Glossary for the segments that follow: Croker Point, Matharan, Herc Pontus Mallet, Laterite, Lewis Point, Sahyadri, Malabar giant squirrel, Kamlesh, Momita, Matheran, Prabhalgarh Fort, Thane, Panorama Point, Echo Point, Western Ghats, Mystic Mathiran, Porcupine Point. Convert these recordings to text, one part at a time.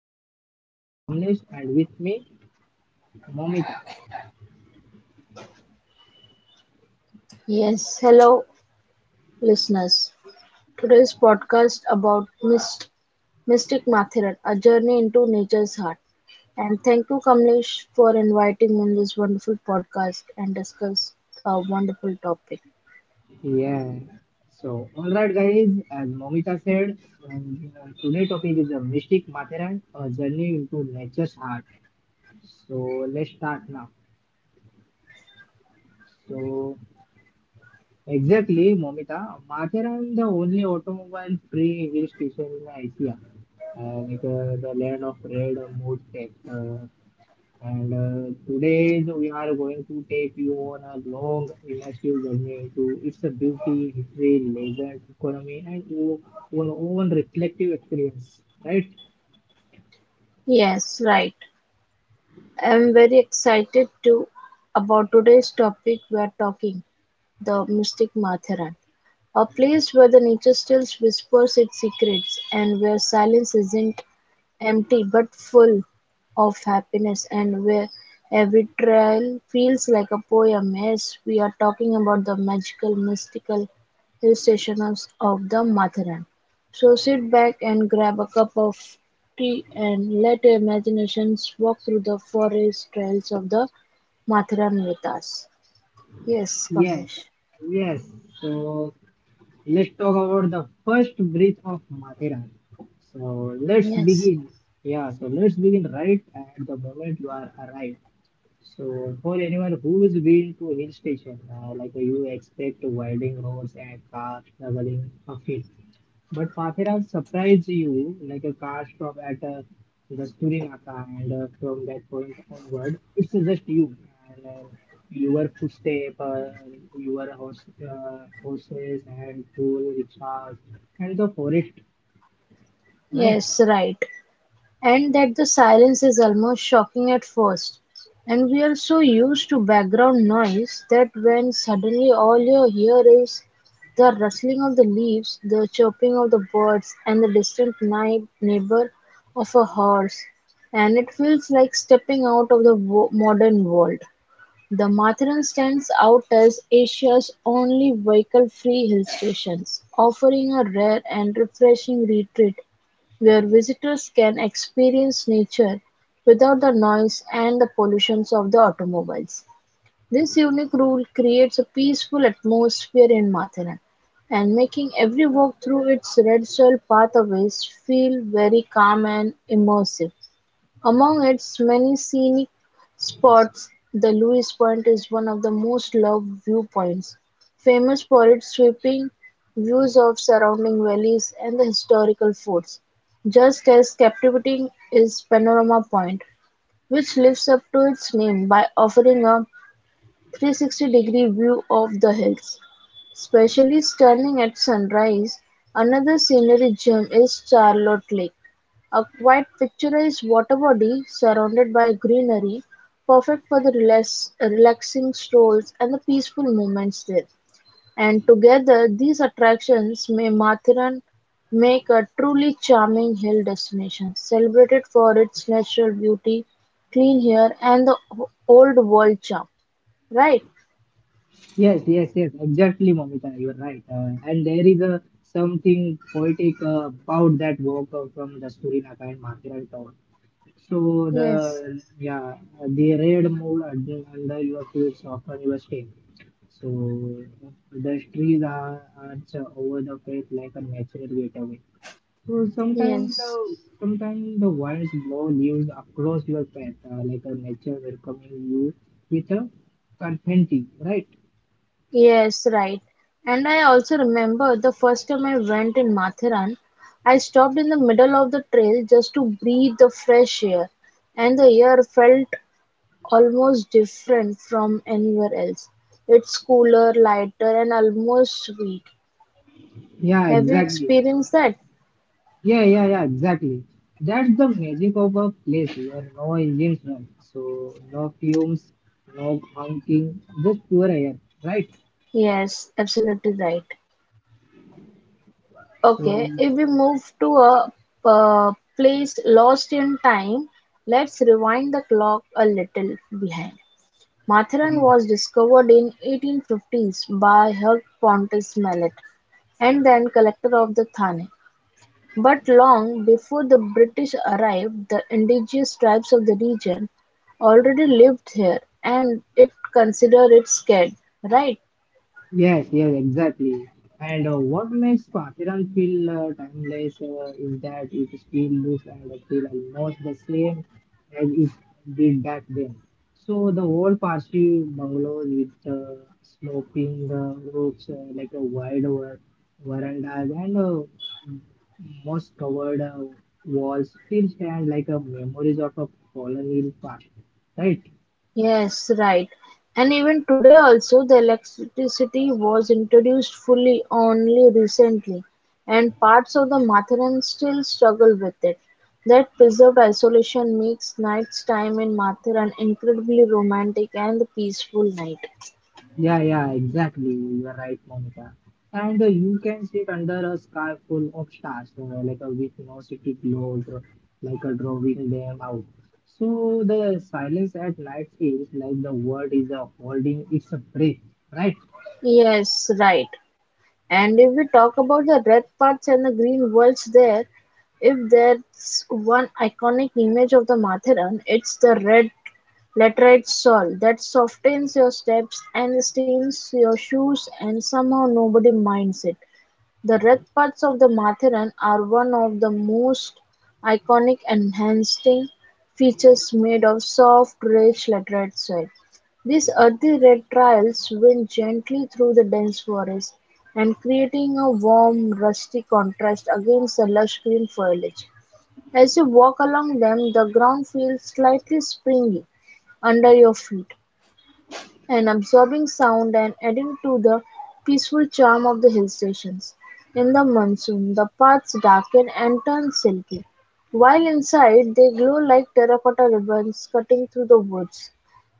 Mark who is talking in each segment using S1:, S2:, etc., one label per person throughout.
S1: podcast. This is Kamlesh and with me Momita.
S2: Yes, hello listeners. Today's podcast about Mystic Mathiran, a journey into nature's heart. And thank you, Kamlesh, for inviting me in this wonderful podcast and discuss a wonderful topic.
S1: Yeah. So alright guys, as Momita said, today topic is a mystic Matharan, a journey into nature's heart. So let's start now. So exactly Momita, Matharan the only automobile free hill station in Asia. The land of red mood tech. And today so we are going to take you on a long immersive journey into its beauty, history, legend, economy, and your own reflective experience, right?
S2: Yes, right. I'm very excited to about today's topic we are talking the Mystic Mathiran. A place where the nature still whispers its secrets, and where silence isn't empty but full of happiness, and where every trail feels like a poem. Yes, we are talking about the magical, mystical hill stations of the Matharan. So sit back and grab a cup of tea and let your imaginations walk through the forest trails of the Matharan with us. Yes,
S1: Yes.
S2: Kamlesh.
S1: Yes, so let's talk about the first bridge of Mathera. So let's
S2: Yes.
S1: begin. Yeah, so let's begin right at the moment you are arrived. So for anyone who's been to hill station, you expect winding roads and cars traveling uphill, but Pathira surprised you like a car stop at Naga, and from that point onward, it's just you and your footstep, horses, and full rickshaws, and the forest, right?
S2: Yes, right. And that the silence is almost shocking at first. And we are so used to background noise that when suddenly all you hear is the rustling of the leaves, the chirping of the birds, and the distant night neighbor of a horse, and it feels like stepping out of the modern world. The Matharan stands out as Asia's only vehicle free hill station, offering a rare and refreshing retreat where visitors can experience nature without the noise and the pollutions of the automobiles. This unique rule creates a peaceful atmosphere in Matharan and making every walk through its red soil pathways feel very calm and immersive. Among its many scenic spots, the Lewis Point is one of the most loved viewpoints, famous for its sweeping views of surrounding valleys and the historical forts. Just as captivating is Panorama Point, which lives up to its name by offering a 360-degree view of the hills, especially stunning at sunrise. Another scenery gem is Charlotte Lake, a quiet picturesque water body surrounded by greenery, perfect for the relaxing strolls and the peaceful moments there. And together, these attractions may Mathiran make a truly charming hill destination, celebrated for its natural beauty, clean air, and the old world charm. Right?
S1: Yes, yes, yes, exactly, Momita, you're right. And there is a something poetic about that walk from Dasturi Naka and Mathura. So
S2: Yes,
S1: the yeah, the red mold under your feet soften your skin. So the trees are arch over the feet like a natural gateway. So
S2: yes,
S1: sometimes the winds blow leaves across your path like a nature welcoming you with a confetti, right?
S2: yes, right. And I also remember the first time I went in Mathiran, I stopped in the middle of the trail just to breathe the fresh air, and the air felt almost different from anywhere else. It's cooler, lighter, and almost sweet.
S1: Yeah,
S2: Have you
S1: exactly.
S2: experienced that?
S1: Yeah, yeah, yeah, exactly. That's the magic of a place where no engines run. So no fumes, no honking, just pure air, right?
S2: Yes, absolutely right.
S1: So
S2: Okay, if we move to a uh, place lost in time, let's rewind the clock a little behind. Matharan
S1: yeah.
S2: was discovered in 1850s by Herc Pontus Mallet and then collector of the Thane. But long before the British arrived, the indigenous tribes of the region already lived here and it considered it scared, right?
S1: Yes, yes, exactly. And what makes Pathiran feel timeless is that it still looks and feel almost the same as it did back then. So the old Parsi bungalows with sloping roofs, like a wide verandas and most covered walls still stand like a memories of a colonial past, right?
S2: Yes, right. And even today also the electricity was introduced fully only recently and parts of the Matheran still struggle with it. That preserved isolation makes night's time in Matheran incredibly romantic and peaceful night.
S1: Yeah, yeah, exactly. You are right, Monica. And you can sit under a sky full of stars, like a with no city globe, like a drawing them out. So the silence at night feels like the world is holding its breath, right?
S2: Yes, right. And if we talk about the red parts and the green worlds there, if there's one iconic image of the Matheran, it's the red Laterite soil that softens your steps and stains your shoes and somehow nobody minds it. The red paths of the Matheran are one of the most iconic enhancing features made of soft, rich laterite soil. These earthy red trails wind gently through the dense forest and creating a warm, rusty contrast against the lush green foliage. As you walk along them the ground feels slightly springy under your feet an absorbing sound and adding to the peaceful charm of the hill stations. In the monsoon, the paths darken and turn silky, while inside they glow like terracotta ribbons cutting through the woods.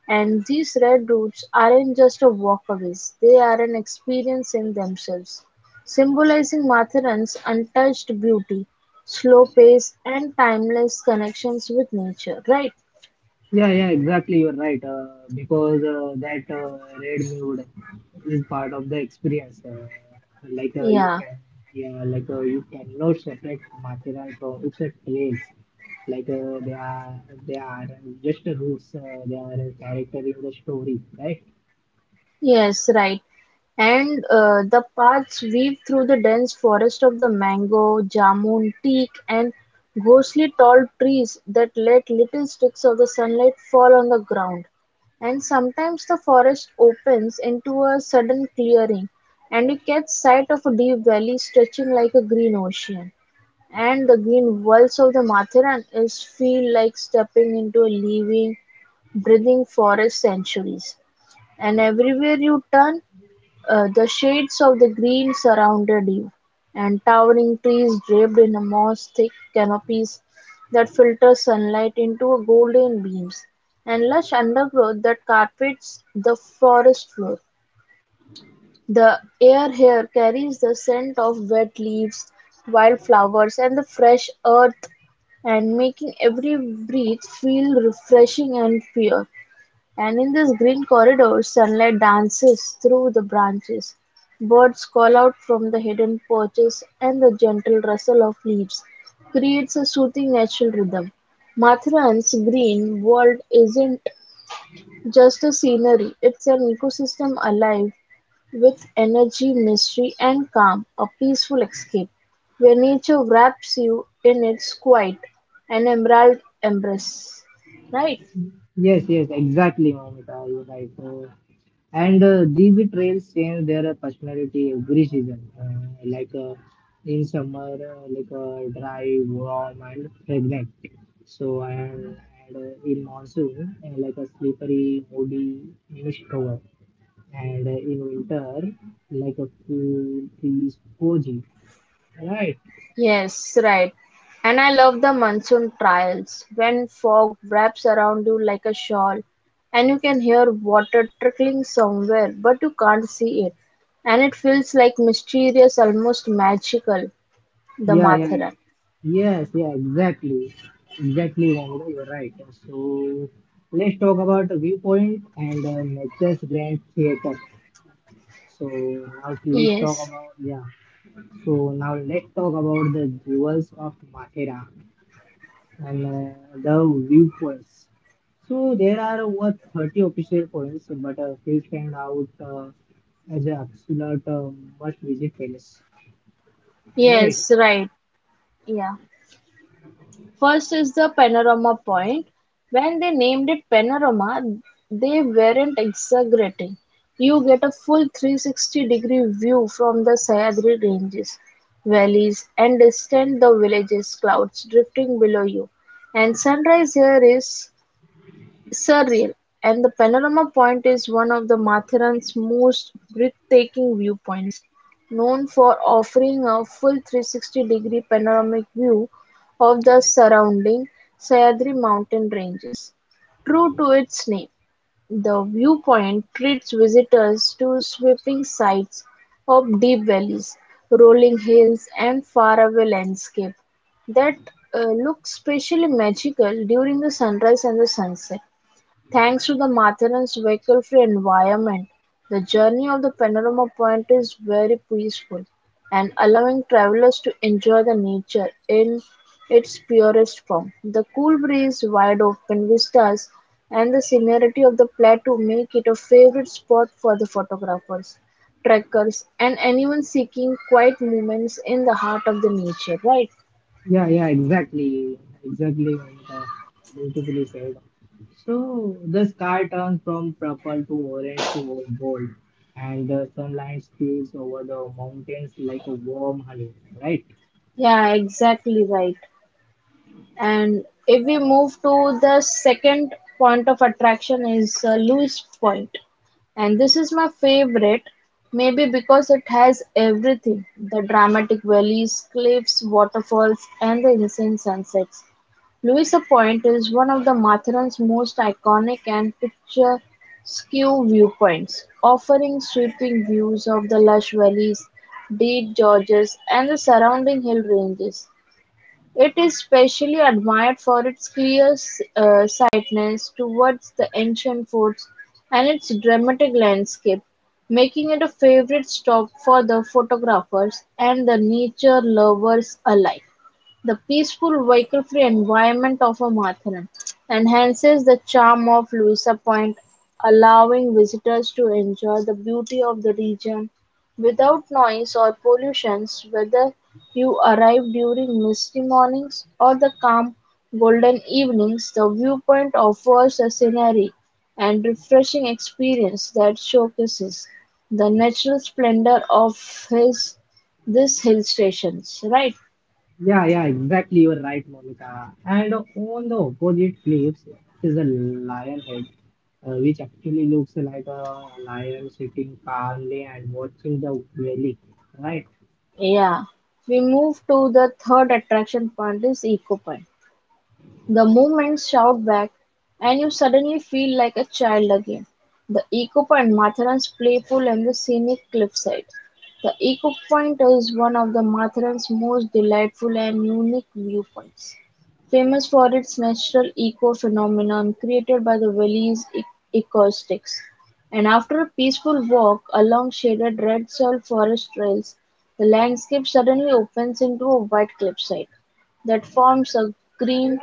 S2: And these red routes aren't just a walkaways, they are an experience in themselves, symbolizing Matharan's untouched beauty, slow pace, and timeless connections with nature, right?
S1: Yeah, yeah, exactly. You're right. Because that red mood is part of the experience. Like uh, you
S2: Yeah.
S1: can, yeah, like you cannot separate material from its traits. Like uh, they are, they are just roots. They are a character in the story, right?
S2: Yes, right. And the paths weave through the dense forest of the mango, jamun, teak, and ghostly tall trees that let little streaks of the sunlight fall on the ground. And sometimes the forest opens into a sudden clearing, and you catch sight of a deep valley stretching like a green ocean. And the green walls of the Matharan is feel like stepping into a living, breathing forest centuries. And everywhere you turn, the shades of the green surrounded you, and towering trees draped in a moss thick canopies that filter sunlight into a golden beams, and lush undergrowth that carpets the forest floor. The air here carries the scent of wet leaves, wildflowers, and the fresh earth, and making every breath feel refreshing and pure. And in this green corridor, sunlight dances through the branches. Birds call out from the hidden perches, and the gentle rustle of leaves creates a soothing natural rhythm. Mathran's green world isn't just a scenery, it's an ecosystem alive with energy, mystery, and calm, a peaceful escape where nature wraps you in its quiet and emerald embrace. Right?
S1: Yes, yes, exactly, Mamita. You're right. And these trails change their personality every season in summer dry warm and fragrant so and, and in monsoon like a slippery muddy mist cover and in winter like a cool trees cozy, right.
S2: Yes, right. And I love the monsoon trials when fog wraps around you like a shawl and you can hear water trickling somewhere but you can't see it. And it feels like mysterious, almost magical, the
S1: yeah yeah
S2: Matharan.
S1: yes, exactly, exactly Mohammed, you're right. So let's talk about viewpoint and nature's grand theater. So now let's talk
S2: Yes,
S1: about, yeah. So now let's talk about the jewels of Mathera and the viewpoints. So there are over 30 official points, but a few stand out as an absolute must visit palace. Right.
S2: yes, right. Yeah. First is the panorama point. When they named it panorama, they weren't exaggerating. You get a full 360-degree view from the Sayadri ranges, valleys, and distant the villages, clouds drifting below you. And sunrise here is surreal, and the panorama point is one of the Matheran's most breathtaking viewpoints, known for offering a full 360-degree panoramic view of the surrounding Sahyadri mountain ranges. True to its name, the viewpoint treats visitors to sweeping sights of deep valleys, rolling hills, and faraway landscape that look especially magical during the sunrise and the sunset. Thanks to the Matheran's vehicle-free environment, the journey of the Panorama-Point is very peaceful, and allowing travelers to enjoy the nature in its purest form. The cool breeze, wide-open vistas, and the scenery of the plateau make it a favorite spot for the photographers, trekkers, and anyone seeking quiet moments in the heart of the nature, right?
S1: Yeah, yeah, exactly. Exactly, Momita. Beautifully said. So the sky turns from purple to orange to gold, and the sunlight spills over the mountains like a warm honey, right?
S2: Yeah, exactly right. And if we move to the second point of attraction is Lewis Point, and this is my favorite, maybe because it has everything, the dramatic valleys, cliffs, waterfalls, and the insane sunsets. Lewis Point is one of the Matheran's most iconic and picturesque viewpoints, offering sweeping views of the lush valleys, deep gorges, and the surrounding hill ranges. It is specially admired for its sightedness towards the ancient forts and its dramatic landscape, making it a favorite stop for the photographers and the nature lovers alike. The peaceful, vehicle-free environment of a Matharan enhances the charm of Louisa Point, allowing visitors to enjoy the beauty of the region without noise or pollutions, whether you arrive during misty mornings or the calm, golden evenings, the viewpoint offers a scenery and refreshing experience that showcases the natural splendor of his this hill stations, right?
S1: Yeah, yeah, exactly. You're right, Momita. And on the opposite cliffs is a lion head, which actually looks like a lion sitting calmly and watching the valley, right?
S2: Yeah. We move to the third attraction point is Eco Point. The movements shout back, and you suddenly feel like a child again. The echo Point, Matheran's playful and the scenic cliffside. The echo Point is one of the Matheran's most delightful and unique viewpoints, famous for its natural eco phenomenon created by the valley's acoustics. And after a peaceful walk along shaded red salt forest trails, the landscape suddenly opens into a white cliffside that forms a green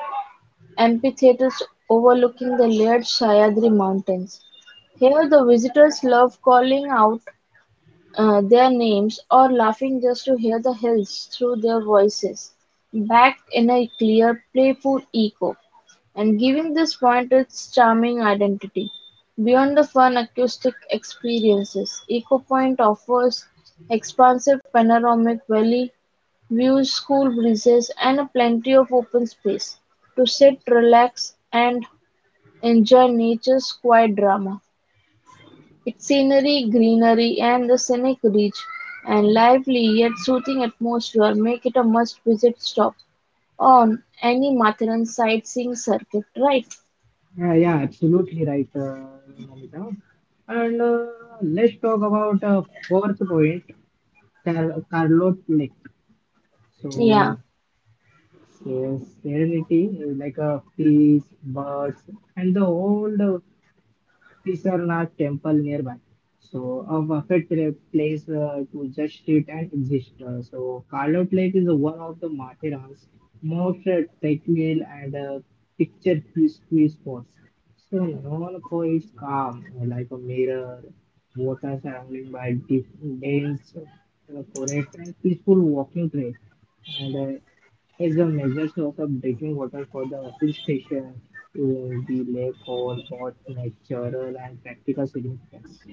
S2: amphitheatres overlooking the layered Sahyadri Mountains. Here the visitors love calling out their names, or laughing just to hear the hills through their voices, backed in a clear, playful echo, and giving this point its charming identity. Beyond the fun acoustic experiences, Eco Point offers expansive panoramic valley views, cool breezes, and plenty of open space to sit, relax, and enjoy nature's quiet drama. Its scenery, greenery, and the scenic reach and lively yet soothing atmosphere make it a must-visit stop on any Matheran sightseeing circuit, right?
S1: Yeah, yeah, absolutely right, Namita. And let's talk about fourth point, Carlo Neck.
S2: Yeah.
S1: So, yes, serenity is like a peace, birds, and the old Pisarnath temple nearby. So a perfect place to just sit and exist. So Carlout Lake is one of the Matheran's most tranquil and picture spots. So known for its calm, like a mirror, water surrounded by deep, dense forest and peaceful walking trail. And is a measure source of drinking water for the hill station we lack over both natural and practical significance.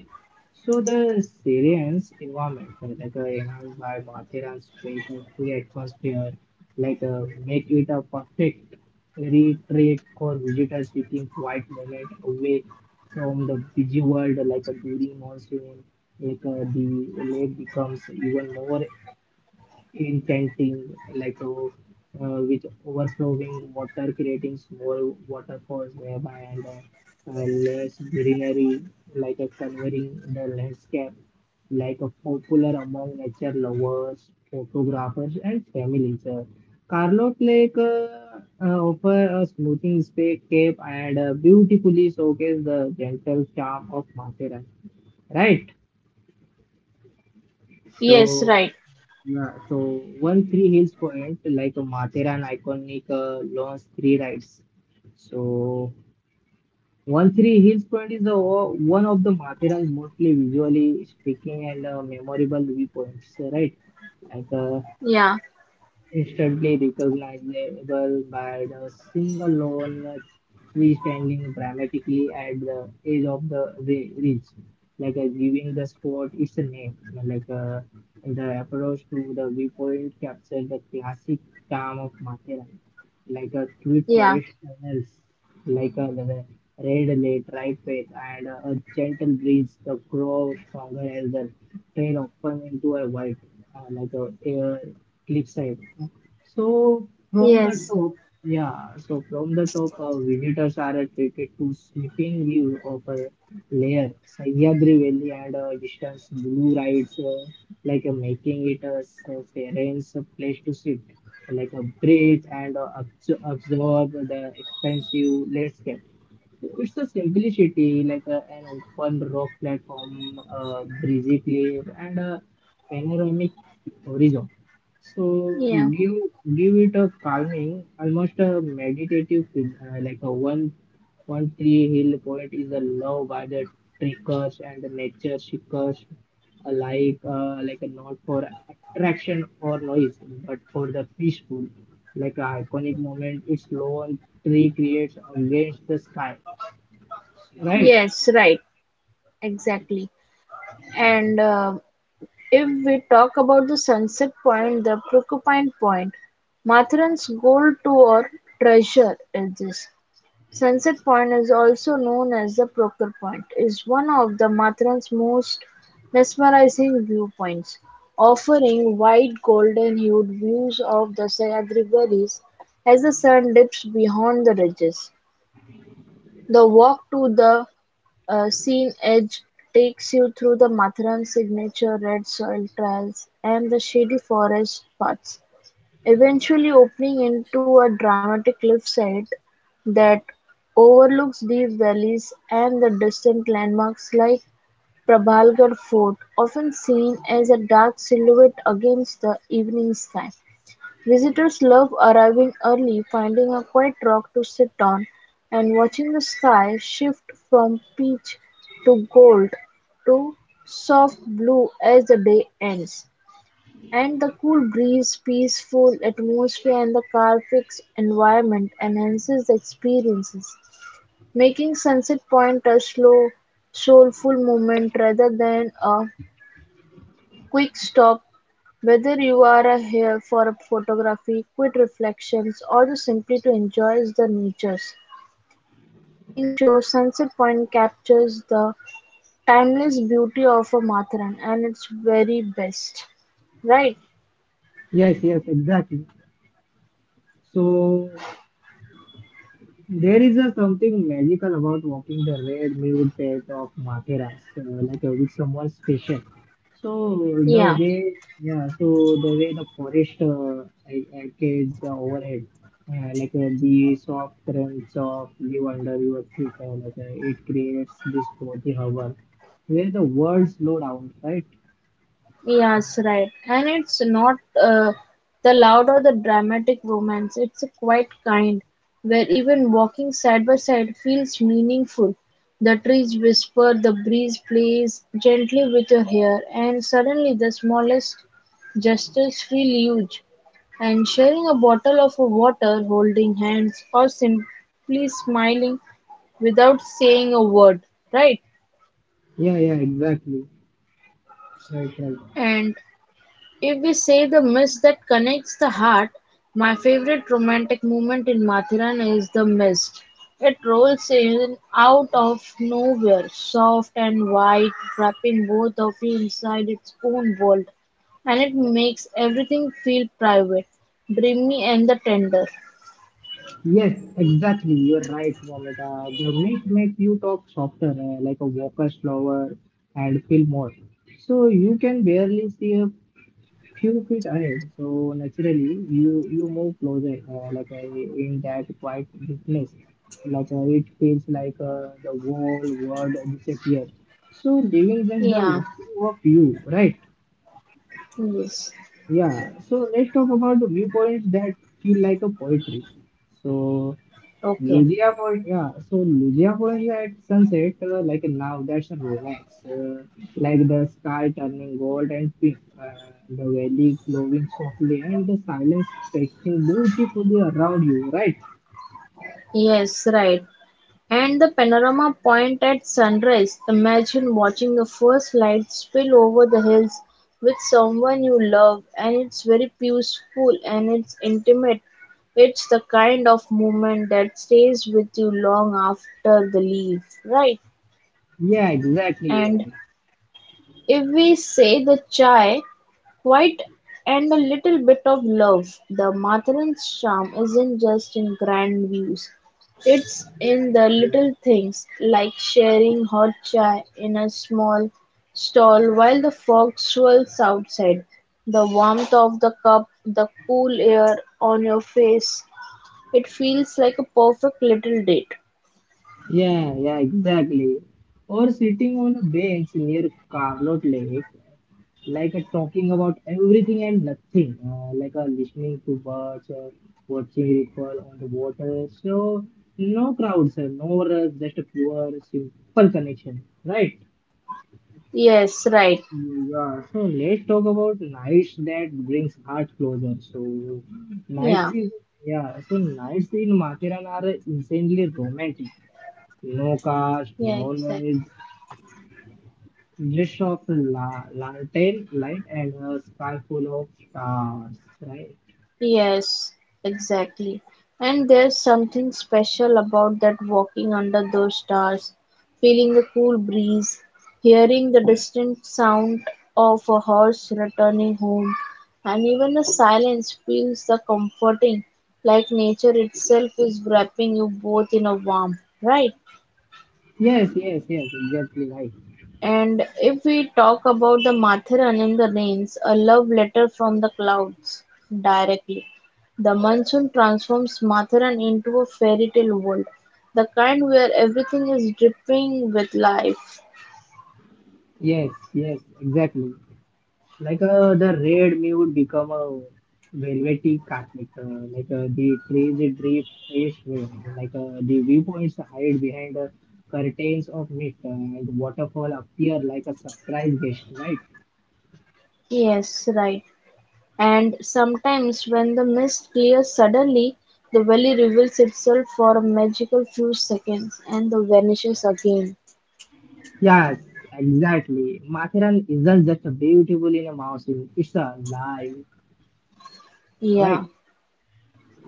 S1: So the Syrian's environment, enhanced by Mathera's fake and free atmosphere, make it a perfect retreat for visitors seeking quiet moment away from the busy world, during monsoon, the lake becomes even more enchanting, with overflowing water, creating small waterfalls nearby, and less greenery, like a covering the landscape, like a popular among nature lovers, photographers, and families. Carlot Lake offer a smoothing space cape and beautifully showcase the gentle charm of Mathura. Right?
S2: Yes,
S1: So
S2: right.
S1: yeah, so one three hills point like a Matheran iconic launch three rides. So one three hills point is the one of the Matheran's mostly visually speaking and memorable viewpoints, right? Like uh,
S2: Yeah.
S1: instantly recognizable by the single lone tree standing dramatically at the edge of the ridge, giving the spot its name. The approach to the viewpoint captured the classic charm of Matheran, like a tweet
S2: Yeah.
S1: forest tunnels, like a the red late right path and a gentle breeze, the crow stronger as the trail open into a white, like a air cliffside. So from the
S2: Yes.
S1: top, yeah, so from the top, our visitors are attracted to sweeping view of a layer, Sahyadri Valley and distance blue rides, making it a serene place to sit, like a breathe and absorb the expansive landscape. It's a simplicity, like a, an open rock platform, a breezy cliff, and a panoramic horizon. So
S2: Yeah.
S1: give give it a calming, almost a meditative feel, like a one one three hill point is a love by the trekkers and the nature seekers alike, like a not for attraction or noise, but for the peaceful, like a iconic moment. Its low and tree creates against the sky. Right.
S2: Yes, right. Exactly. And if we talk about the sunset point, the Porcupine Point, Matheran's gold tour treasure is this. Sunset Point, also known as the Croker Point, is one of Matran's most mesmerizing viewpoints, offering wide golden-hued views of the Sayagraves as the sun dips beyond the ridges. The walk to the scene edge takes you through the Matran's signature red soil trails and the shady forest paths. Eventually opening into a dramatic cliffside that overlooks deep valleys and the distant landmarks like Prabhalgarh Fort, often seen as a dark silhouette against the evening sky. Visitors love arriving early, finding a quiet rock to sit on, and watching the sky shift from peach to gold to soft blue as the day ends. And the cool breeze, peaceful atmosphere and the Carfax environment enhances the experiences, making Sunset Point a slow, soulful moment rather than a quick stop. Whether you are here for a photography, quick reflections, or just simply to enjoy the nature's evening show, Sunset Point captures the timeless beauty of a Matharan and its very best. Right?
S1: Yes, yes, exactly. So there is a something magical about walking the red mule path of Matheras, with someone special. So
S2: Yeah.
S1: yeah, so the way the forest arcades overhead, the soft crunch of leaf under your feet, it creates this cozy hover where the world slow down, right?
S2: Yes, right. And it's not uh, the loud or the dramatic romance. It's a quiet kind, where even walking side by side feels meaningful. The trees whisper, the breeze plays gently with your hair, and suddenly the smallest gestures feel huge. And sharing a bottle of water, holding hands, or simply smiling without saying a word, right?
S1: Yeah, yeah, exactly. Right, right.
S2: And if we say the mist that connects the heart, my favorite romantic moment in Mathiran is the mist. It rolls in out of nowhere, soft and white, wrapping both of you inside its own world, and it makes everything feel private, dreamy, and the tender.
S1: Yes, exactly. You're right, Ramita. The myth makes you talk softer, like a walker slower and feel more. So you can barely see a few feet ahead. So naturally, you move closer, in that quiet darkness. It feels like the whole world disappears. So leaving just the
S2: Yeah,
S1: two of you, right?
S2: yes,
S1: Yeah. So let's talk about the viewpoints that feel like a poetry. So
S2: okay,
S1: So Lugia Point, yeah, at sunset, like now, that's a romance. Like the sky turning gold and pink, the valley glowing softly, and the silence stretching beautifully around you, right?
S2: yes, right. And the panorama point at sunrise, imagine watching the first light spill over the hills with someone you love, and it's very peaceful and it's intimate. It's the kind of moment that stays with you long after the leave, right?
S1: Yeah, exactly, you're
S2: And
S1: right.
S2: if we say the chai, quite and a little bit of love, the Mathurans' charm isn't just in grand views. It's in the little things, like sharing hot chai in a small stall while the fog swirls outside, the warmth of the cup, the cool air on your face. It feels like a perfect little date.
S1: Yeah, yeah, exactly. Or sitting on a bench near Carlot Lake like a talking about everything and nothing, like a listening to birds, watching ripple on the water. So no crowds, no rush, just a pure simple connection, right?
S2: Yes, right.
S1: Yeah, so let's talk about nights that brings heart closer. So nights
S2: Yeah,
S1: is yeah, so nights in Mathiran are insanely romantic. No cars,
S2: yeah,
S1: no
S2: exactly.
S1: noise, just of la lantern light and a sky full of stars, right?
S2: Yes, exactly. And there's something special about that walking under those stars, feeling the cool breeze, hearing the distant sound of a horse returning home, and even the silence feels the comforting, like nature itself is wrapping you both in a warm right?
S1: Yes, yes, yes, exactly right.
S2: And if we talk about the Mathiran in the rains, a love letter from the clouds directly. The monsoon transforms Matharan into a fairy tale world, the kind where everything is dripping with life.
S1: Yes, yes, exactly. The red may would become a velvety carpet, the crazy drip fresh wave, the viewpoints hide behind the curtains of mist, and waterfall appear like a surprise guest, right?
S2: Yes, right. And sometimes when the mist clears suddenly, the valley reveals itself for a magical few seconds and then vanishes again.
S1: Yes, exactly. Mathiran isn't just beautiful in a mountain, it's alive, right?
S2: Yeah.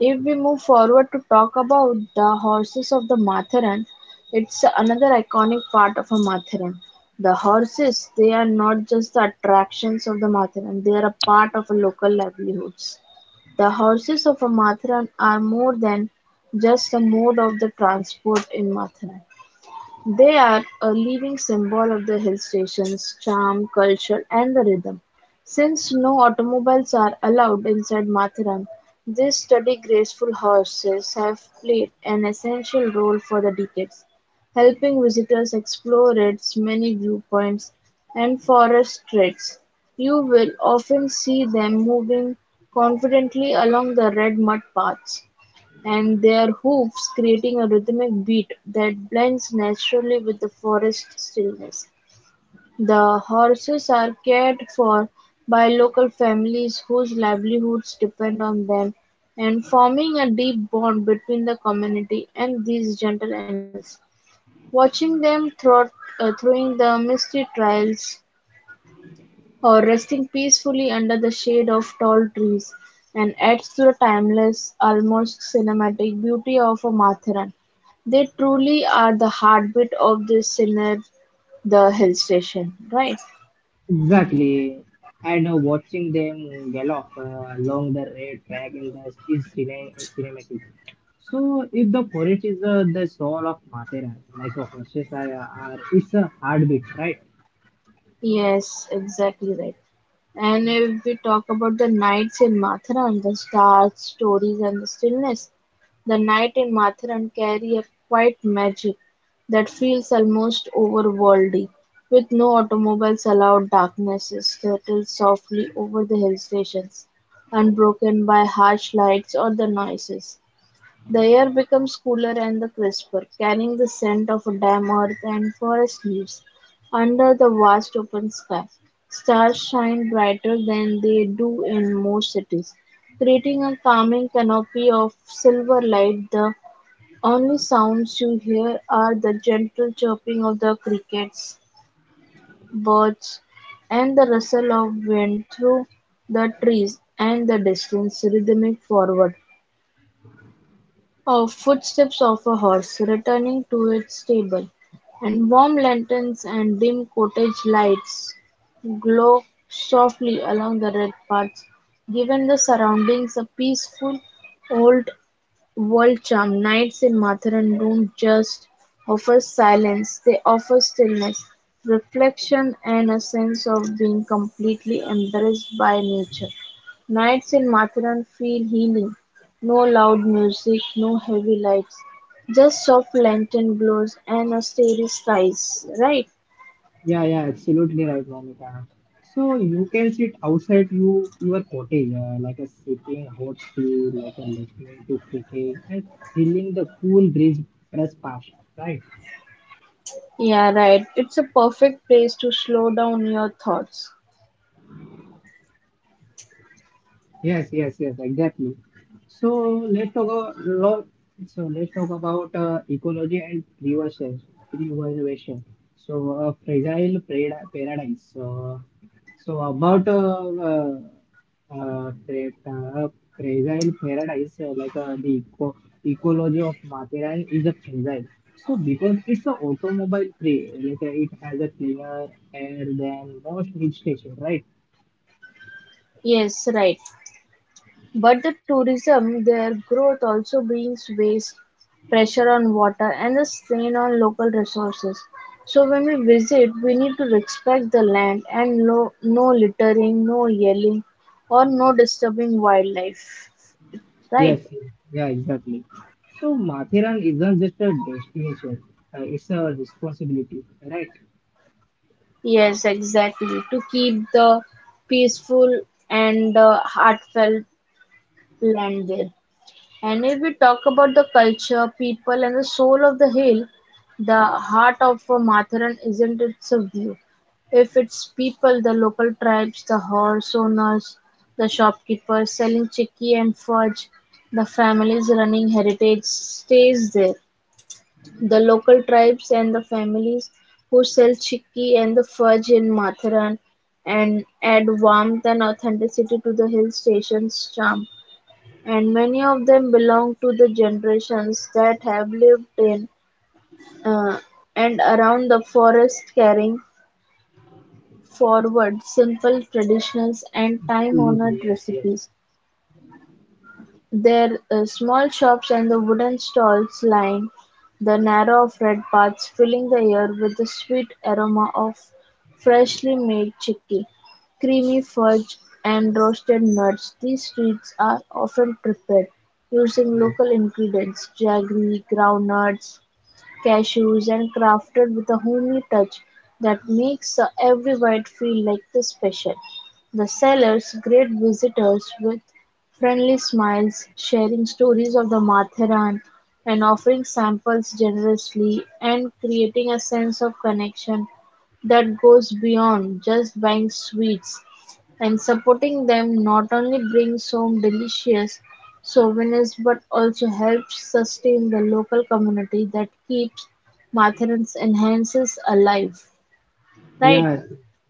S2: If we move forward to talk about the horses of the Matharan, it's another iconic part of a Matharan. The horses, they are not just the attractions of the Matharan, they are a part of local livelihoods. The horses of a Matharan are more than just a mode of the transport in Matharan. They are a living symbol of the hill station's charm, culture and the rhythm. Since no automobiles are allowed inside Matharan, these sturdy graceful horses have played an essential role for the decades, helping visitors explore its many viewpoints and forest trails. You will often see them moving confidently along the red mud paths and their hooves creating a rhythmic beat that blends naturally with the forest stillness. The horses are cared for by local families whose livelihoods depend on them and forming a deep bond between the community and these gentle animals. Watching them through the misty trails or resting peacefully under the shade of tall trees, and adds to the timeless, almost cinematic beauty of a Matharan. They truly are the heartbeat of this scenic the hill station, right?
S1: Exactly. And watching them gallop along the red track in the is cine- cinematic. So if the forest is the soul of Mathera, horses are, it's a heartbeat, right?
S2: Yes, exactly right. And if we talk about the nights in Matharan, the stars, stories, and the stillness, the night in Matharan carry a quiet magic that feels almost overworldly. With no automobiles allowed, darkness settles softly over the hill stations, unbroken by harsh lights or the noises. The air becomes cooler and crisper, carrying the scent of damp earth and forest leaves. Under the vast open sky, stars shine brighter than they do in most cities, creating a calming canopy of silver light. The only sounds you hear are the gentle chirping of the crickets, birds, and the rustle of wind through the trees and the distant rhythmic forward or footsteps of a horse returning to its stable, and warm lanterns and dim cottage lights glow softly along the red paths, giving the surroundings a peaceful old Walcham nights in Lutheran don't just offer silence, they offer stillness, reflection and a sense of being completely embraced by nature. Nights in Matheran feel healing. No loud music, no heavy lights, just soft lantern glows and a starry skies, right?
S1: Yeah, yeah, absolutely right, Monica. So you can sit outside your cottage, like a sipping hot tea, like a listening to cricket and feeling the cool breeze press past, right?
S2: Yeah, right. It's a perfect place to slow down your thoughts.
S1: Yes, yes, yes, exactly. So let's talk about lot. So let's talk about ecology and preservation. Preservation. So fragile paradise. So uh, pre- uh, fragile paradise, the ecology of material is a fragile. So because it's an automobile free, it has a cleaner air than most hill stations, right?
S2: Yes, right. But the tourism their growth also brings waste, pressure on water and a strain on local resources. So when we visit, we need to respect the land and lo- no littering, no yelling or no disturbing wildlife. Right?
S1: Yes, yes, yeah, exactly. So Mathiran isn't just a destination, it's a responsibility, right?
S2: Yes, exactly. To keep the peaceful and heartfelt land there. And if we talk about the culture, people, and the soul of the hill, the heart of Matharan isn't its a view. If its people, the local tribes, the horse owners, the shopkeepers selling chicky and fudge, the families running heritage stays there. The local tribes and the families who sell chicky and the fudge in Matharan and add warmth and authenticity to the hill station's charm. And many of them belong to the generations that have lived in uh, and around the forest carrying forward simple traditions and
S1: Absolutely,
S2: time-honored
S1: yes, yes.
S2: recipes. There is small shops and the wooden stalls line the narrow afraid paths filling the air with the sweet aroma of freshly made chickpea, creamy fudge and roasted nuts. These sweets are often prepared using
S1: Yeah.
S2: local ingredients, jaggery, groundnuts, cashews and crafted with a homey touch that makes every bite feel like the special. The sellers greet visitors with friendly smiles, sharing stories of the Matharan and offering samples generously and creating a sense of connection that goes beyond just buying sweets and supporting them not only brings home delicious souvenirs but also helps sustain the local community that keeps Matherin's enhances alive, right?
S1: Yeah,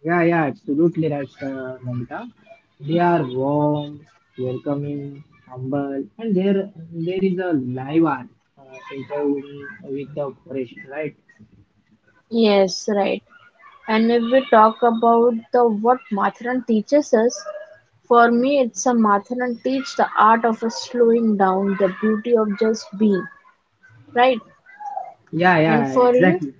S1: yeah, yeah, absolutely right, Namita. They are warm, welcoming, humble, and there is a live art interviewing with the operation, right?
S2: Yes, right. And if we talk about the what Matharan teaches us, for me it's a Matharan teach the art of a slowing down, the beauty of just being, right?
S1: Yeah,
S2: And
S1: yeah,
S2: for you?
S1: exactly.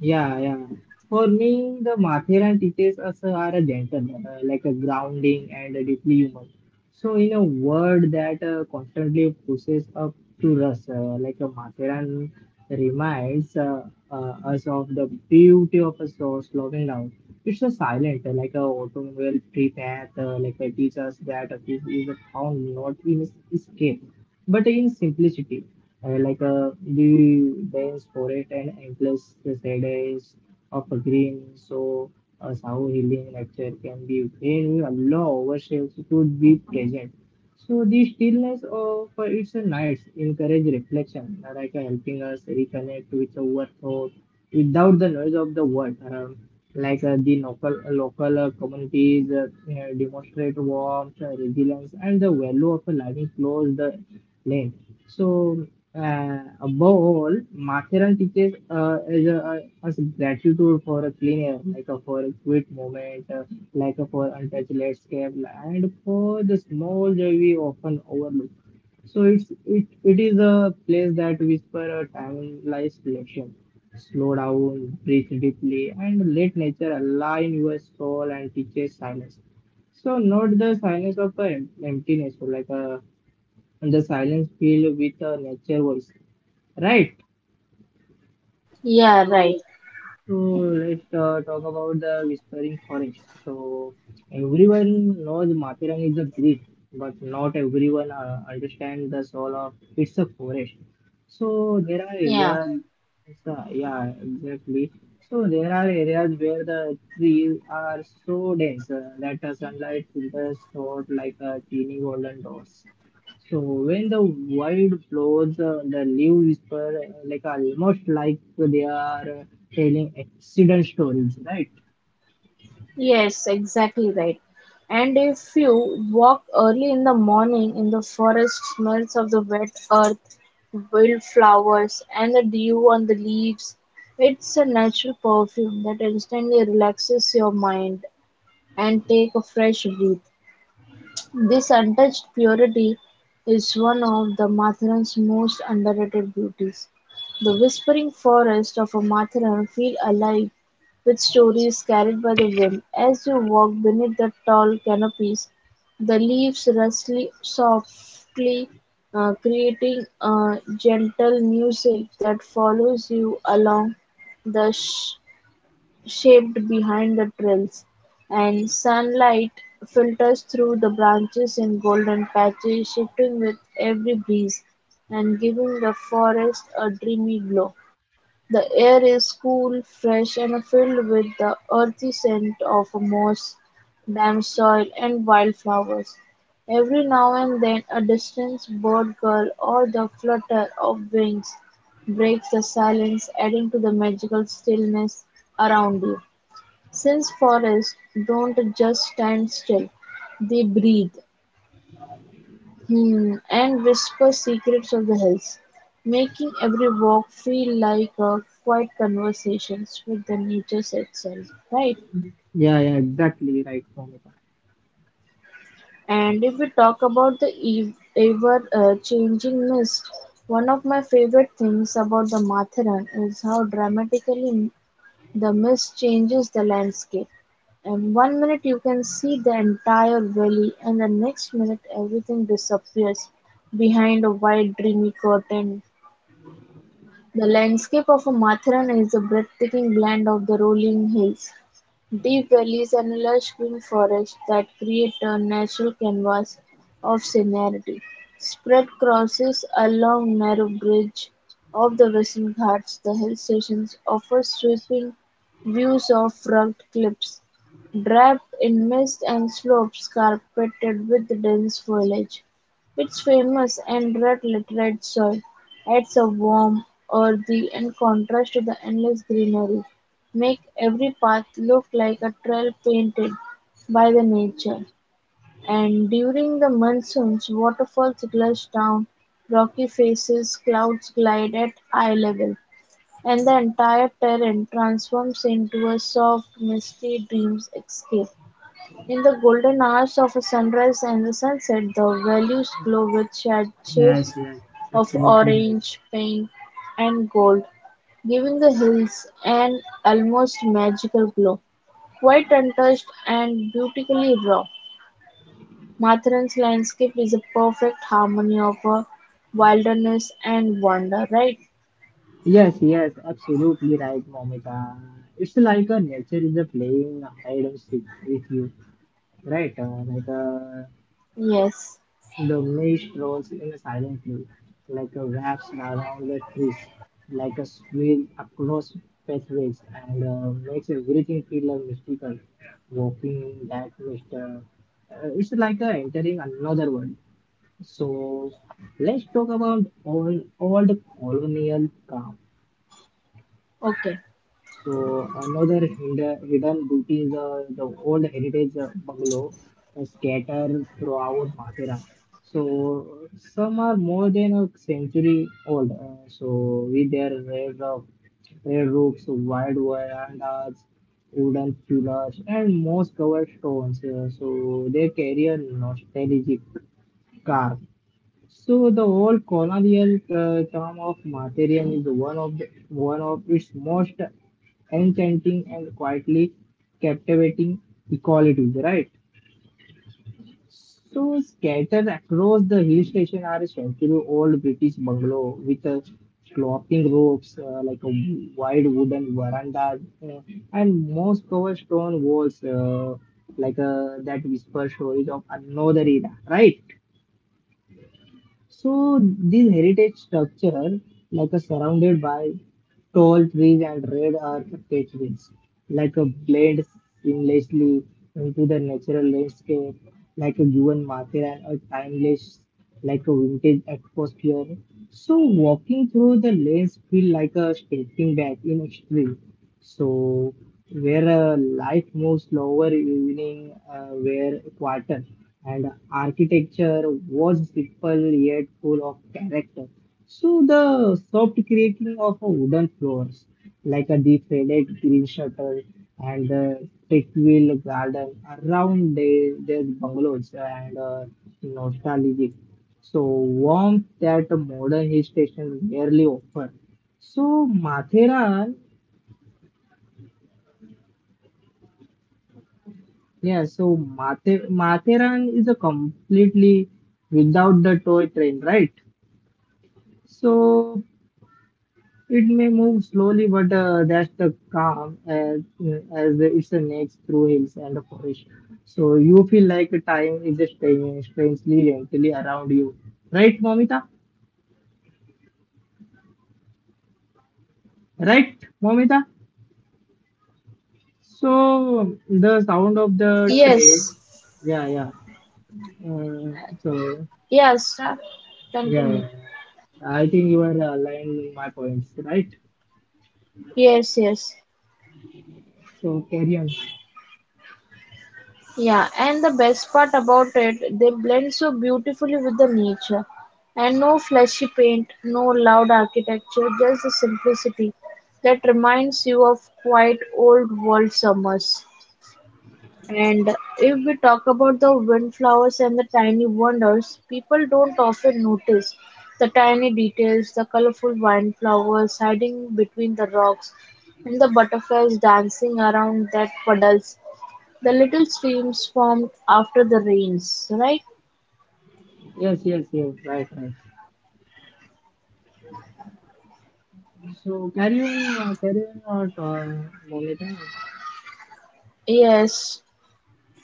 S1: Yeah, yeah. For me, the Mathiran teaches us are a gentle, like a grounding and a deeply human. So, in a word that constantly pushes up to us, like a Mathiran reminds uh, us of the beauty of a slowing down. It's a silent, like a automobile tree path, like a teaches that a peace is found not in escape, but in simplicity the dense forest and endless shadows of a green. So, a sound healing nature can be very allow ourselves to be present. So, the stillness of its nights encourage reflection, helping us reconnect with our thought without the noise of the world around. The local communities demonstrate warmth, resilience, and the value of a living close the land. So above all, Mathiran teaches us gratitude for a clean air, for a quick moment, for untouched landscape, and for the small joy we often overlook. So it is a place that whisper a timeless reflection. Slow down, breathe deeply, and let nature align your soul and teaches silence. So not the silence of a emptiness, but like a and the silence filled with a nature voice. Right.
S2: Yeah, right.
S1: So, so let's talk about the Whispering Forest. So, everyone knows Mathurang is a village, but not everyone understands the soul of it's a forest. So, there are
S2: Yeah.
S1: areas, yeah, exactly. So, there are areas where the trees are so dense that the sunlight filters through it like a teeny golden dots. So when the wind blows, the leaves whisper like almost like they are telling accident stories, right?
S2: Yes, exactly right. And if you walk early in the morning in the forest, smells of the wet earth, wildflowers, and the dew on the leaves, it's a natural perfume that instantly relaxes your mind and take a fresh breath. This untouched purity is one of the Matharan's most underrated beauties. The whispering forest of a Matharan feel alive with stories carried by the wind. As you walk beneath the tall canopies, the leaves rustle softly, creating a gentle music that follows you along the shaped behind the trills, and sunlight filters through the branches in golden patches, shifting with every breeze and giving the forest a dreamy glow. The air is cool, fresh, and filled with the earthy scent of moss, damp soil, and wildflowers. Every now and then, a distant bird call or the flutter of wings breaks the silence, adding to the magical stillness around you. Since forests don't just stand still, they breathe hmm, and whisper secrets of the hills, making every walk feel like a quiet conversation with the nature itself, right?
S1: Yeah, yeah, exactly right, Momita.
S2: And if we talk about the ever changing mist, one of my favorite things about the Matharan is how dramatically the mist changes the landscape, and one minute you can see the entire valley and the next minute everything disappears behind a white dreamy curtain. The landscape of Matharan is a breathtaking blend of the rolling hills, deep valleys and lush green forests that create a natural canvas of scenery. Spread crosses along narrow bridge of the Western Ghats, the hill stations offer sweeping views of rugged cliffs draped in mist and slopes carpeted with dense foliage. Its famous and red-littered soil adds a warm, earthy and contrast to the endless greenery, make every path look like a trail painted by the nature, and during the monsoons waterfalls gush down rocky faces, clouds glide at eye level, and the entire terrain transforms into a soft, misty dreamscape. In the golden hours of sunrise and sunset, the valleys glow with
S1: Yes,
S2: shades
S1: yes,
S2: of
S1: absolutely right.
S2: orange, pink, and gold, giving the hills an almost magical glow. Quite untouched and beautifully raw, Mathran's landscape is a perfect harmony of a wilderness and wonder, right?
S1: Yes, yes, absolutely right, Momita. It's like a nature is a playing hide and seek with you, right?
S2: Yes.
S1: The mist rolls in silently, like a wraps around the trees, like a swirl across pathways, and makes everything feel mystical. Walking in that mist, it's like entering another world. So, let's talk about all the colonial calm.
S2: Okay.
S1: So another hidden beauty is the old heritage bungalow scattered throughout Mathura. So some are more than a century old. So with their red, red roofs, wide verandas, wooden pillars, and most covered stones. So they carry a nostalgic scar. So the whole colonial term of Martyrium is one of its most enchanting and quietly captivating equalities, right? So scattered across the hill station are century-old British bungalow with sloping roofs, like a wide wooden veranda, and most covered stone walls, that whisper stories of another era, right? So this heritage structure, like a surrounded by tall trees and red earth pathways, like a blend seamlessly into the natural landscape, like a given market and a timeless, like a vintage atmosphere. So walking through the lanes feel like a stepping back in history so where life moves slower evening were quieter and architecture was simple yet full of character. So the soft creaking of a wooden floors like a defrayed green shutter and the wheel garden around their bungalows and nostalgic. So warmth that modern hill station rarely offer. So Mathera. Yeah, so Matheran is a completely without the toy train, right? So it may move slowly, but that's the calm as it's a next through hills and a forest. So you feel like time is just staying strangely gently around you, right, Momita? Right, Momita? So the sound of the train,
S2: Yes.
S1: yeah, yeah. Uh, so
S2: Yes.
S1: yeah, yeah,
S2: Continue.
S1: yeah. I think you are aligned with my points, right?
S2: Yes, yes.
S1: So carry on.
S2: Yeah, and the best part about it, they blend so beautifully with the nature. And no flashy paint, no loud architecture, just the simplicity that reminds you of quite old world summers. And if we talk about the windflowers and the tiny wonders, people don't often notice the tiny details, the colorful windflowers hiding between the rocks, and the butterflies dancing around that puddles the little streams formed after the rains, right?
S1: Yes, yes, yes. Right, right. So carry on, carry on, what Momita?
S2: Yes,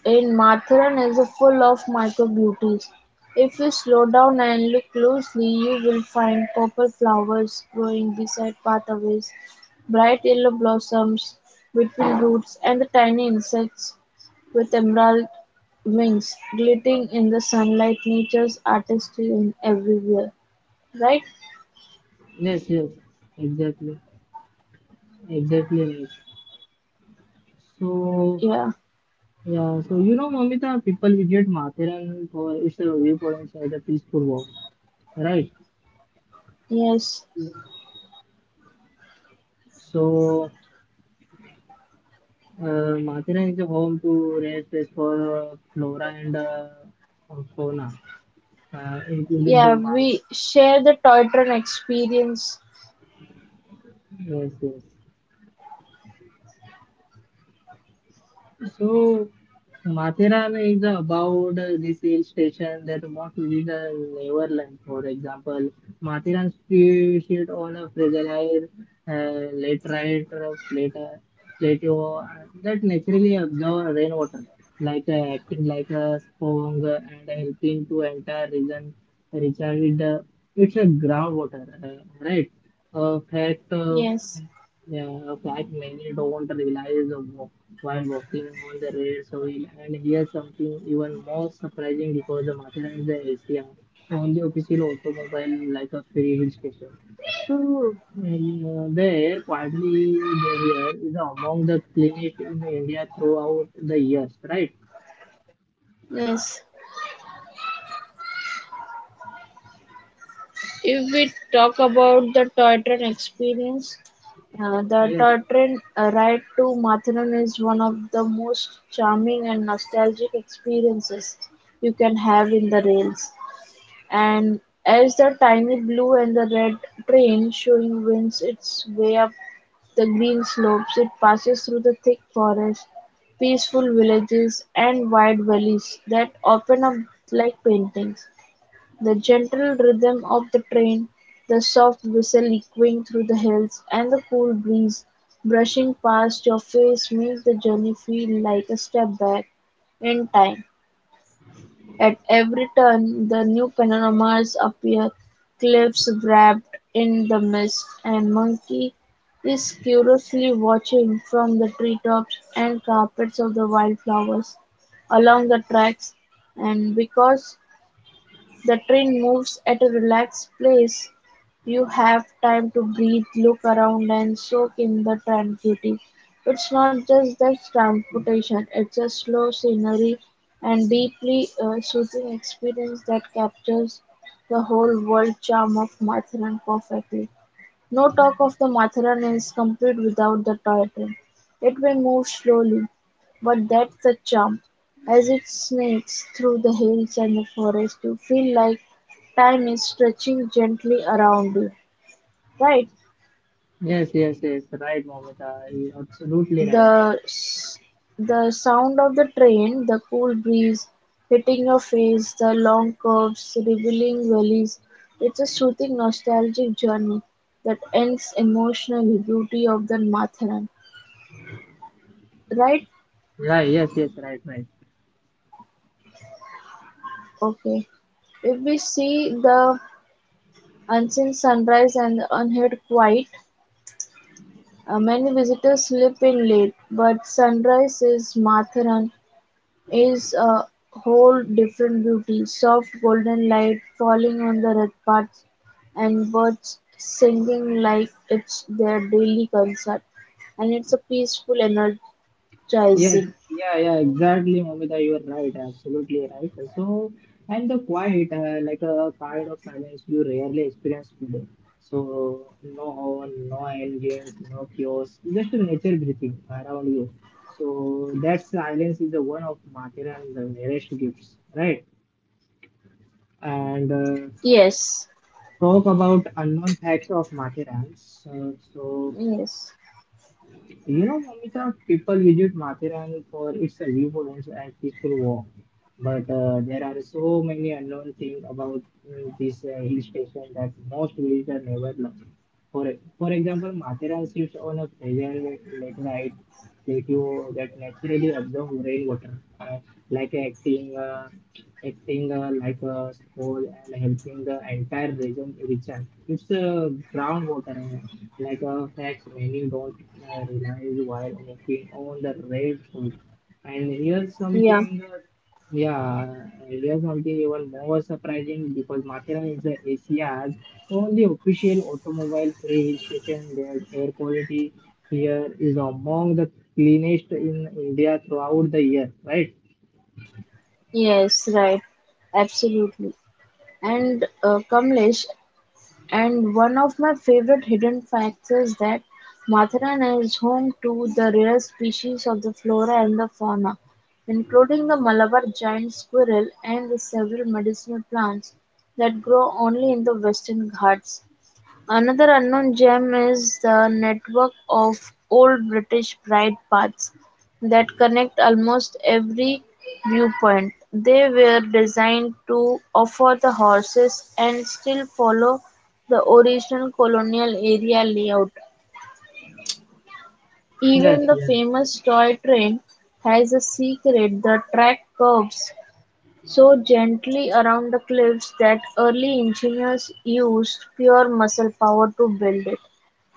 S2: in Matheran is a full of micro-beauties. If you slow down and look closely, you will find purple flowers growing beside pathways, bright yellow blossoms between roots, and the tiny insects with emerald wings glittering in the sunlight. Nature's artistry in everywhere, right?
S1: Yes, yes. Exactly, exactly right. So
S2: Yeah,
S1: yeah, so you know, Momita, people visit Mathiran for its viewpoints as a peaceful walk, right?
S2: yes.
S1: So Mathiran is a home to rare space for flora and fauna, including the
S2: Yeah,
S1: mal.
S2: we share the toy train experience.
S1: Yes, yes. So Mathiran is about this hill station that most visitors never learn. For example, Mathiran street sit on a fragile laterite plateau that naturally absorbs rainwater, acting like a sponge and helping to entire region recharge it's a groundwater, right? A fact.
S2: Yes,
S1: Yeah, a fact many don't realize while walking on the Red's wheel. And here's something even more surprising because the Matheran is the Asia, only official automobile like a free hill station. So the air quality there is among the cleanest in India throughout the years, right?
S2: yes. If we talk about the toy train experience, the
S1: Yes,
S2: toy train ride to Mathuran is one of the most charming and nostalgic experiences you can have in the rails. And as the tiny blue and the red train showing winds its way up the green slopes, it passes through the thick forests, peaceful villages, and wide valleys that open up like paintings. The gentle rhythm of the train, the soft whistle echoing through the hills, and the cool breeze brushing past your face make the journey feel like a step back in time. At every turn the new panoramas appear, cliffs wrapped in the mist, and Monkey is curiously watching from the treetops and carpets of the wildflowers along the tracks, and because the train moves at a relaxed pace, you have time to breathe, look around and soak in the tranquility. It's not just that transportation, it's a slow scenery and deeply soothing experience that captures the whole world charm of Mathran perfectly. No talk of the Matharan is complete without the toy train. It may move slowly, but that's the charm. As it snakes through the hills and the forest, you feel like time is stretching gently around you. Right?
S1: yes, yes, yes, right, Momita, absolutely right.
S2: The s- the sound of the train, the cool breeze hitting your face, the long curves, revealing valleys. It's a soothing, nostalgic journey that ends emotionally. Beauty of the Matharan. Right?
S1: Yeah, yes, yes, right, right.
S2: Okay. If we see the unseen sunrise and the unheard quiet, many visitors sleep in late, but sunrise is Matharan is a whole different beauty. Soft golden light falling on the red paths and birds singing like it's their daily concert, and it's a peaceful, energizing.
S1: Yes, yeah, yeah, exactly, Momita. You are right, absolutely right. So, and the quiet, like a kind of silence you rarely experience today. So, no horn, no end games, no chaos, just nature breathing around you. So, that silence is the one of Matheran's rarest gifts, right? And
S2: Yes,
S1: talk about unknown facts of Matheran. So,
S2: yes,
S1: you know, Mamita, people visit Matheran for its viewpoints and peaceful walk, but there are so many unknown things about this hill station that most visitors never learn. For example, Matheran sits on a fragile laterite plateau that naturally absorbs rainwater, like acting like a spool and helping the entire region richer. It's groundwater like a fact many don't realize while working on the red food. And here's
S2: yeah,
S1: something, yeah, here's something even more surprising because Mathura is the Asia's only official automobile-free hill station. Their air quality here is among the cleanest in India throughout the year, right?
S2: yes, right, absolutely. And Kamlesh, and one of my favorite hidden facts is that Matharan is home to the rare species of the flora and the fauna, including the Malabar giant squirrel and the several medicinal plants that grow only in the Western Ghats. Another unknown gem is the network of old British Bride paths that connect almost every viewpoint. They were designed to offer the horses and still follow the original colonial area layout.
S1: Yes,
S2: Even the
S1: yes,
S2: famous toy train has a secret. The track curves so gently around the cliffs that early engineers used pure muscle power to build it,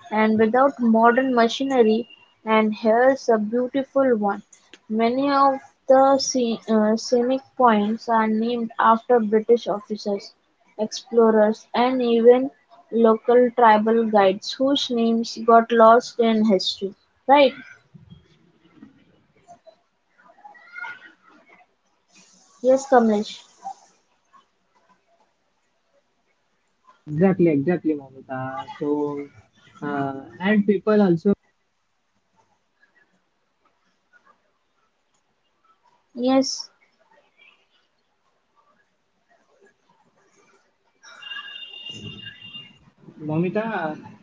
S2: and without modern machinery. And here's a beautiful one. Many of the scenic points are named after British officers, explorers, and even local tribal guides whose names got lost in history. Right? Yes, Kamlesh.
S1: exactly, exactly, Mamita. So, and people also,
S2: Yes,
S1: Mamita,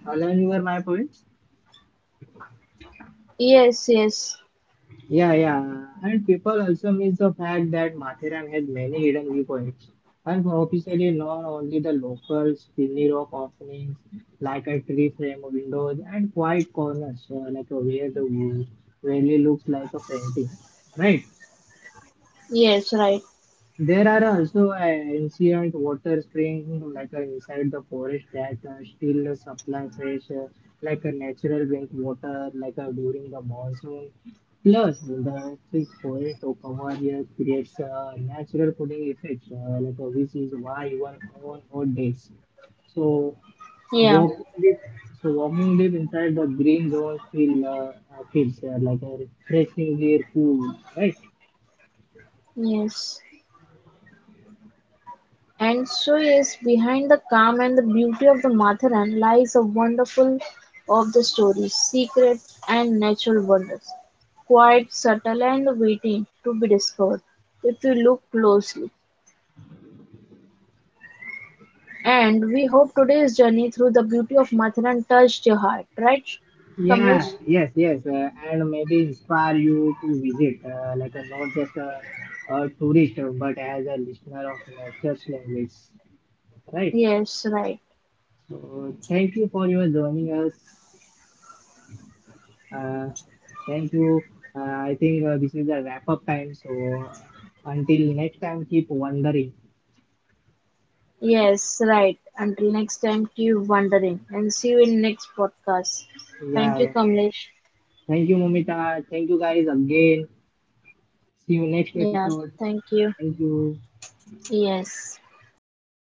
S1: align with my points.
S2: yes, yes,
S1: Yeah, yeah. And people also miss the fact that Mathiran has many hidden viewpoints. Unofficially known only the locals, chimney rock openings, like a tree frame windows, and quiet corners, where the valley looks like a painting. Right?
S2: yes, right.
S1: There are also ancient water springs inside the forest that still supply fresh like a natural drink water during the monsoon. Plus, the thick forest cover here creates a natural cooling effect, which is why even on hot days. So
S2: Yeah.
S1: walk deep, walking deep inside the green zones feels like a refreshingly cool, right?
S2: Yes, and so yes, behind the calm and the beauty of the Matharan lies a wonderful of the stories, secrets and natural wonders, quite subtle and waiting to be discovered if you look closely. And we hope today's journey through the beauty of Matharan touched your heart, right, Kamlesh?
S1: Yeah, yes, yes, and maybe inspire you to visit, not just a tourist, but as a listener of nature's language, right?
S2: Yes, right.
S1: So thank you for your joining us. Uh, Thank you. Uh, I think this is the wrap up time. So until next time, keep wondering.
S2: Yes, right. Until next time, keep wondering and see you in next podcast.
S1: Yeah,
S2: Thank you,
S1: yeah.
S2: Kamlesh.
S1: Thank you, Momita. Thank you, guys, again. See you next
S2: Yeah,
S1: episode.
S2: thank you.
S1: Thank you.
S2: Yes.